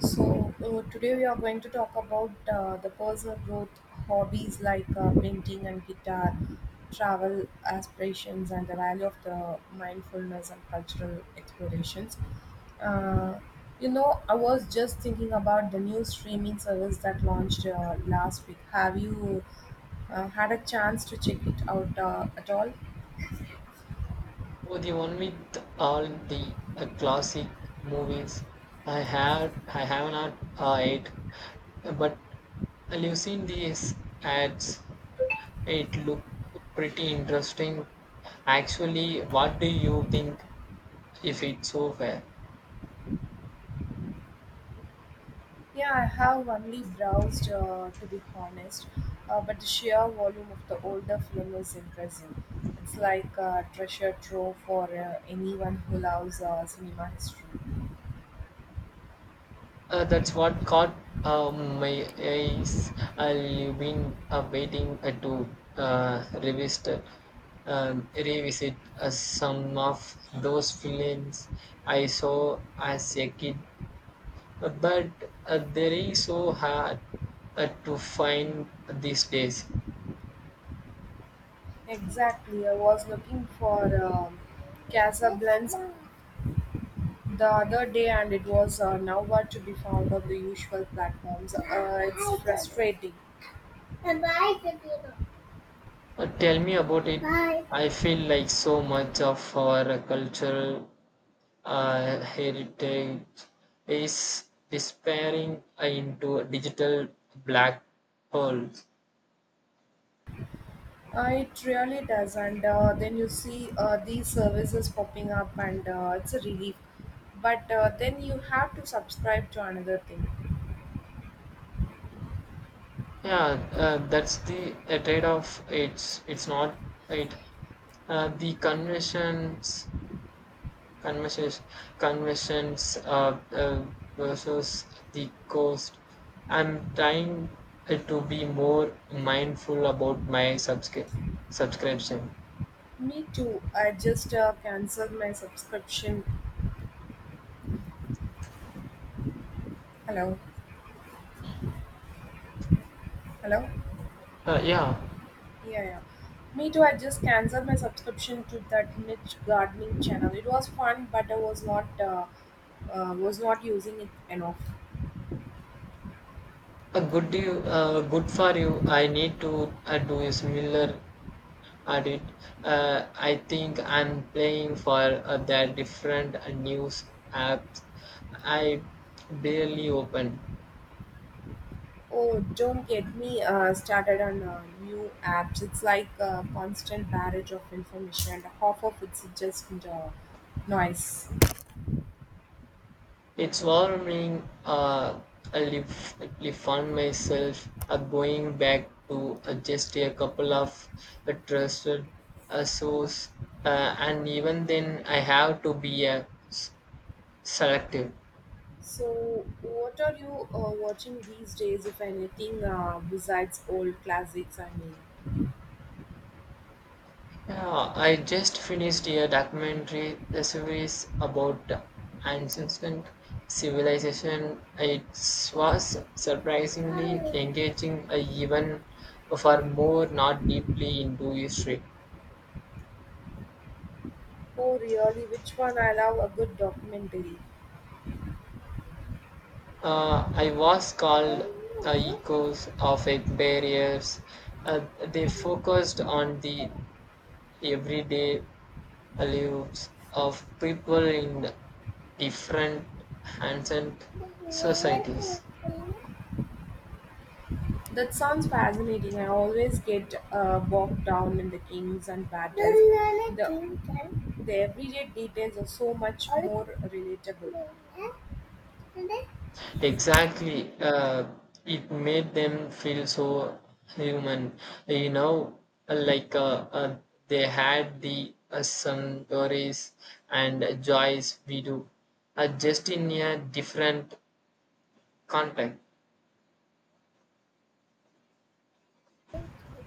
So, today we are going to talk about the personal growth hobbies like painting and guitar, travel aspirations, and the value of the mindfulness and cultural explorations. Uh, I was just thinking about the new streaming service that launched last week. Have you had a chance to check it out at all? Oh, the one with all the classic movies. I had, I have not uh, it, but I've seen these ads. It looked pretty interesting. Actually, what do you think if it's so fair? Yeah, I have only browsed, to be honest, but the sheer volume of the older film is impressive. It's like a treasure trove for anyone who loves cinema history. That's what caught my eyes. I've been waiting to revisit some of those films I saw as a kid. But they are so hard to find these days. Exactly, I was looking for Casablanca the other day, and it was nowhere to be found on the usual platforms. It's frustrating. Tell me about it. Bye. I feel like so much of our culture heritage is disappearing into digital black holes. It really does, and then you see these services popping up, and it's a relief. But then you have to subscribe to another thing. Yeah, that's the trade-off. It's not it. The conventions, conventions versus the cost. I'm trying to be more mindful about my subscription. Me too. I just canceled my subscription. Hello, hello. Uh, yeah, Yeah, yeah. Me too. I just canceled my subscription to that niche gardening channel. It was fun, but I was not using it enough. A good you, uh, Good for you. I need to do a similar audit. I think I'm playing for that different news apps. I barely open. Oh, don't get me started on new apps. It's like a constant barrage of information, and half of it's just noise. It's warming. I found myself going back to just a couple of trusted source, and even then, I have to be s- selective. So, what are you watching these days, if anything, besides old classics? I mean, Yeah, I just finished a documentary series about the ancient civilization. It was surprisingly engaging, even for more not deeply into history. oh, really? Which one? I love a good documentary. I was called the echoes of its barriers. They focused on the everyday lives of people in different ancient societies. That sounds fascinating. I always get bogged down in the kings and battles. The everyday details are so much more relatable. Exactly. It made them feel so human, you know, like they had the some stories and joys we do, just in a different context.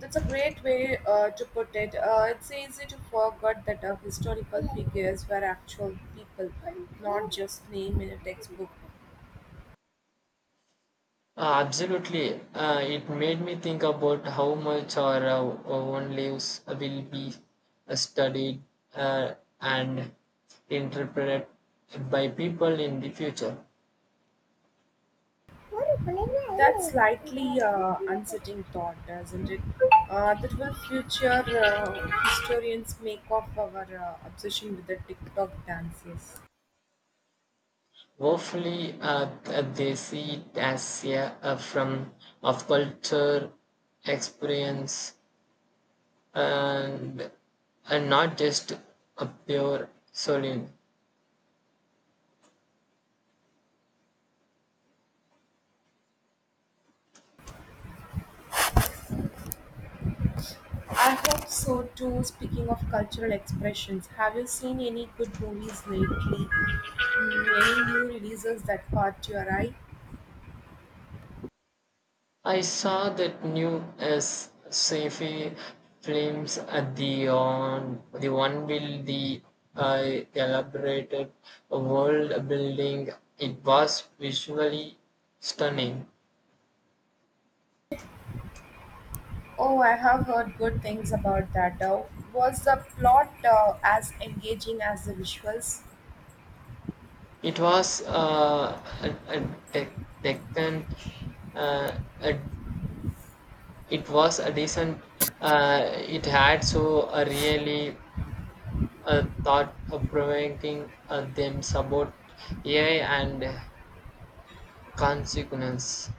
That's a great way to put it. It's easy to forget that historical figures were actual people, not just name in a textbook. Absolutely. It made me think about how much our own lives will be studied uh, and interpreted by people in the future. That's slightly unsettling thought, doesn't it? That what future historians make of our obsession with the TikTok dances. Hopefully, they see it as a from of culture experience and, and not just a pure saloon. I hope so too. Speaking of cultural expressions, have you seen any good movies lately? Mm, any new releases that caught your eye? I saw that new as sci-fi films at the on the one will the uh, elaborated world building. It was visually stunning. Oh, I have heard good things about that. Was the plot as engaging as the visuals? It was a decent. Uh, a, it was a decent. It had so a really thought of provoking them about AI and consequence.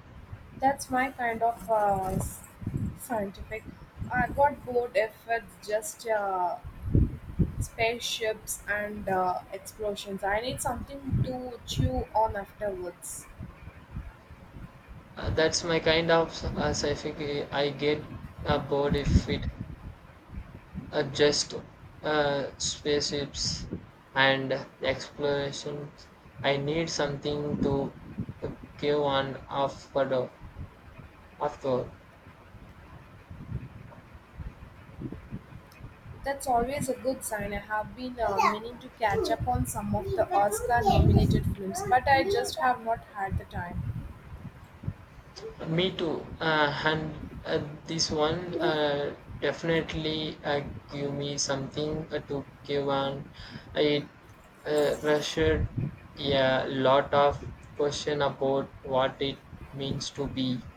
That's my kind of scientific. I got bored if it's just spaceships and explosions. I need something to chew on afterwards. That's my kind of sci-fi I get bored if it just spaceships and exploration. I need something to uh, give on after. After That's always a good sign. I have been meaning to catch up on some of the Oscar nominated films, but I just have not had the time. me too, and this one definitely give me something to give on. It rushed a lot of question about what it means to be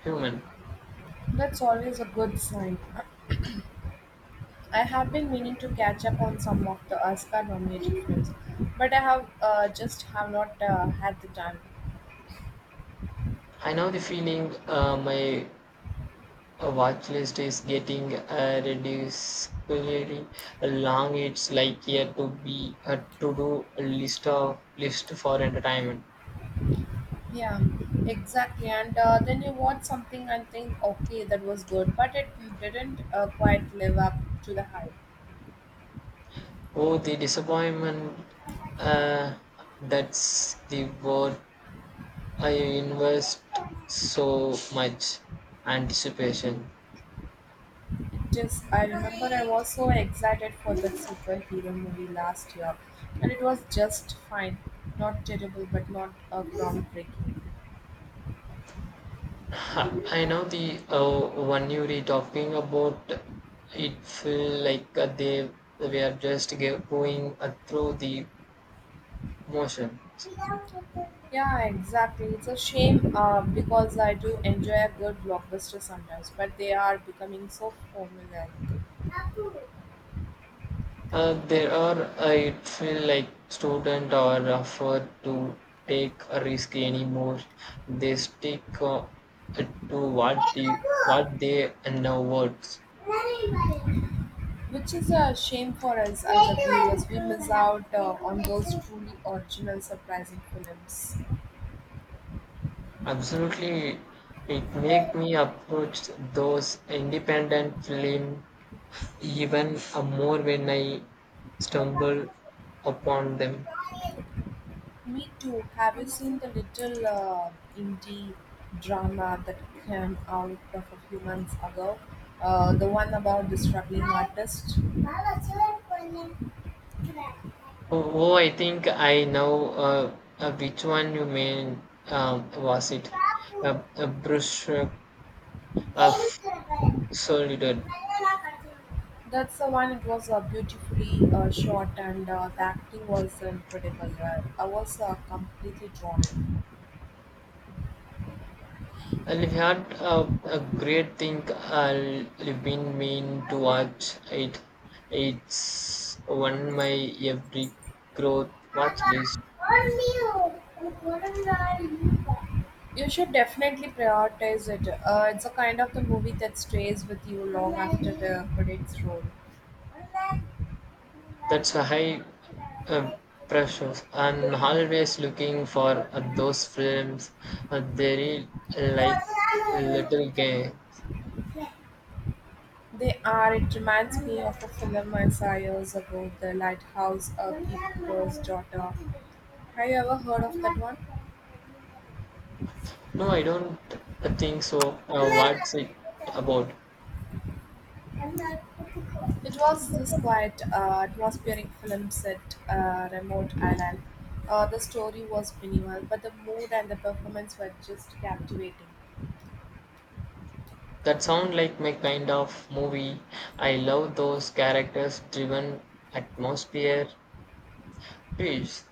human. That's always a good sign. I have been meaning to catch up on some of the Oscar nominated films, but I have just have not had the time. I know the feeling my A watch list is getting ridiculously long. It's like a to be a to do list of list for entertainment. Yeah, exactly. And then you watch something and think, okay, that was good, but it didn't quite live up to the hype. Oh, the disappointment. Uh, that's the word. I invest so much anticipation. It just, I remember I was so excited for that superhero movie last year, and it was just fine. Not terrible, but not groundbreaking. Ha, I know the one you were talking about. It feel like they were just going through the motion. Yeah, exactly. It's a shame because I do enjoy a good blockbuster sometimes, but they are becoming so formulaic. There are, I feel like students are offered to take a risk anymore. They stick to what the what they know works. Which is a shame for us as the viewers. We miss out on those truly original, surprising films. Absolutely, it make me approach those independent film even more when I stumble upon them. Me too. Have you seen the little indie drama that came out of a few months ago? The one about the struggling artist? Oh, I think I know which one you mean. Was it a brushstroke of solitude? That's the one. It was beautifully shot, and the acting was incredible. I was completely drawn in. And I've heard a great thing. I've been mean to watch it. It's on my every growth watch list. You should definitely prioritize it. It's a kind of the movie that stays with you long after the credits roll. That's a high uh, pressure. I'm always looking for those films. They're like little game. They are. It reminds me of a film I saw years ago, The Lighthouse of Epcor's Daughter. Have you ever heard of that one? No, I don't think so. What's it about? It was this quiet, atmospheric film set remote island. The story was minimal, but the mood and the performance were just captivating. That sound like my kind of movie. I love those characters driven atmosphere piece,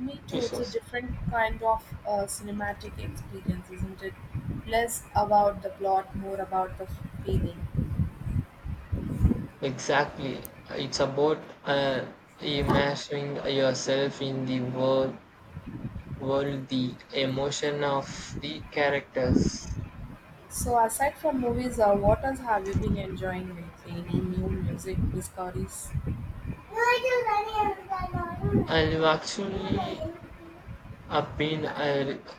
Me too. It's a pieces. different kind of cinematic experience, isn't it? Less about the plot, more about the feeling. Exactly. It's about immersing yourself in world, the emotion of the characters. So, aside from movies, what else have you been enjoying lately? Any new music discoveries? I've actually I've been uh, re-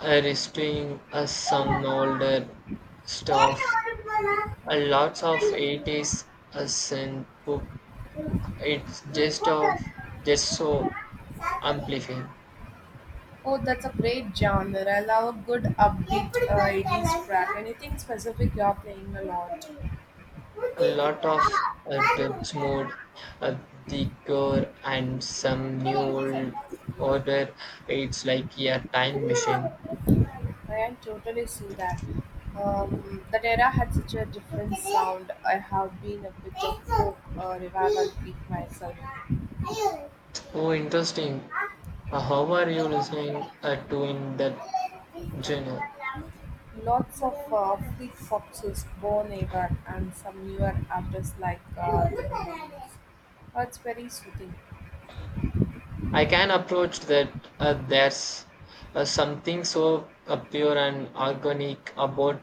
uh, restoring some older stuff. A lots of it is a synth book. It's just so amplifying. Oh, that's a great genre. I love a good upbeat 80s track. Anything specific you're playing a lot? A lot I of depth mode, uh, the core, and some new old order. It's like a time machine. can totally see that. That era had such a different sound. I have been a bit of folk revival geek myself. Oh, interesting. How are you listening to in that genre? Lots of free foxes, Bon ever, and some newer artists like The Beatles. It's very soothing. I can approach that. There's something so pure and organic about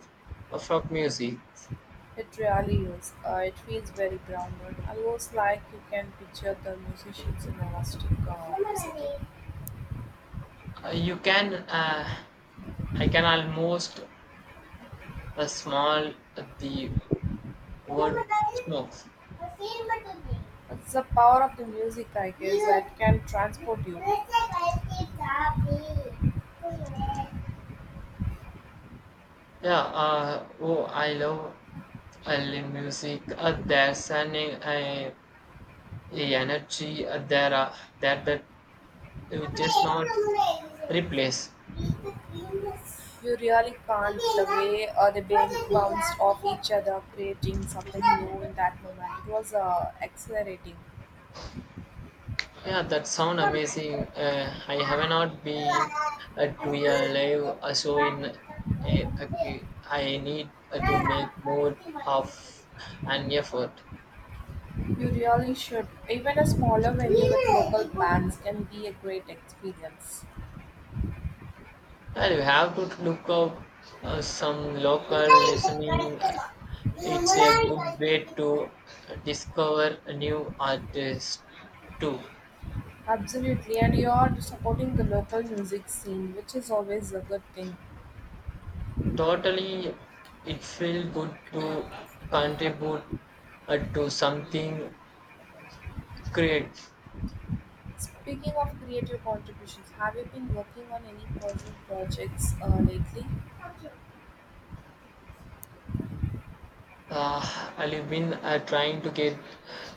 folk music. It really is. It feels very grounded, almost like you can picture the musicians in a rustic setting. You can, I can almost smell the wood smokes. It's the power of the music, I guess, that can transport you. Yeah, oh, I love early music. There's an uh, energy there that you just not replace. You really can't. The way the babies bounced off each other, creating something new in that moment. It was exhilarating. Yeah, that sound amazing. I have not been to a live show in. Uh, I need to make more of an effort. You really should. Even a smaller venue with local bands can be a great experience. Well, you have to look up some local listening. It's a good way to discover a new artist too. Absolutely, and you are supporting the local music scene, which is always a good thing. Totally, it feels good to contribute to something great. Speaking of creative contributions, have you been working on any personal projects lately? I've been trying to get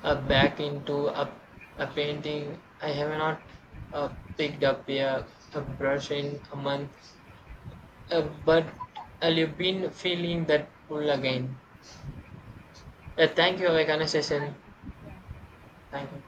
back into a painting. I have not uh, picked up a brush in a month. But you've been feeling that pull again. Oh, Thank you for your conversation. Thank you.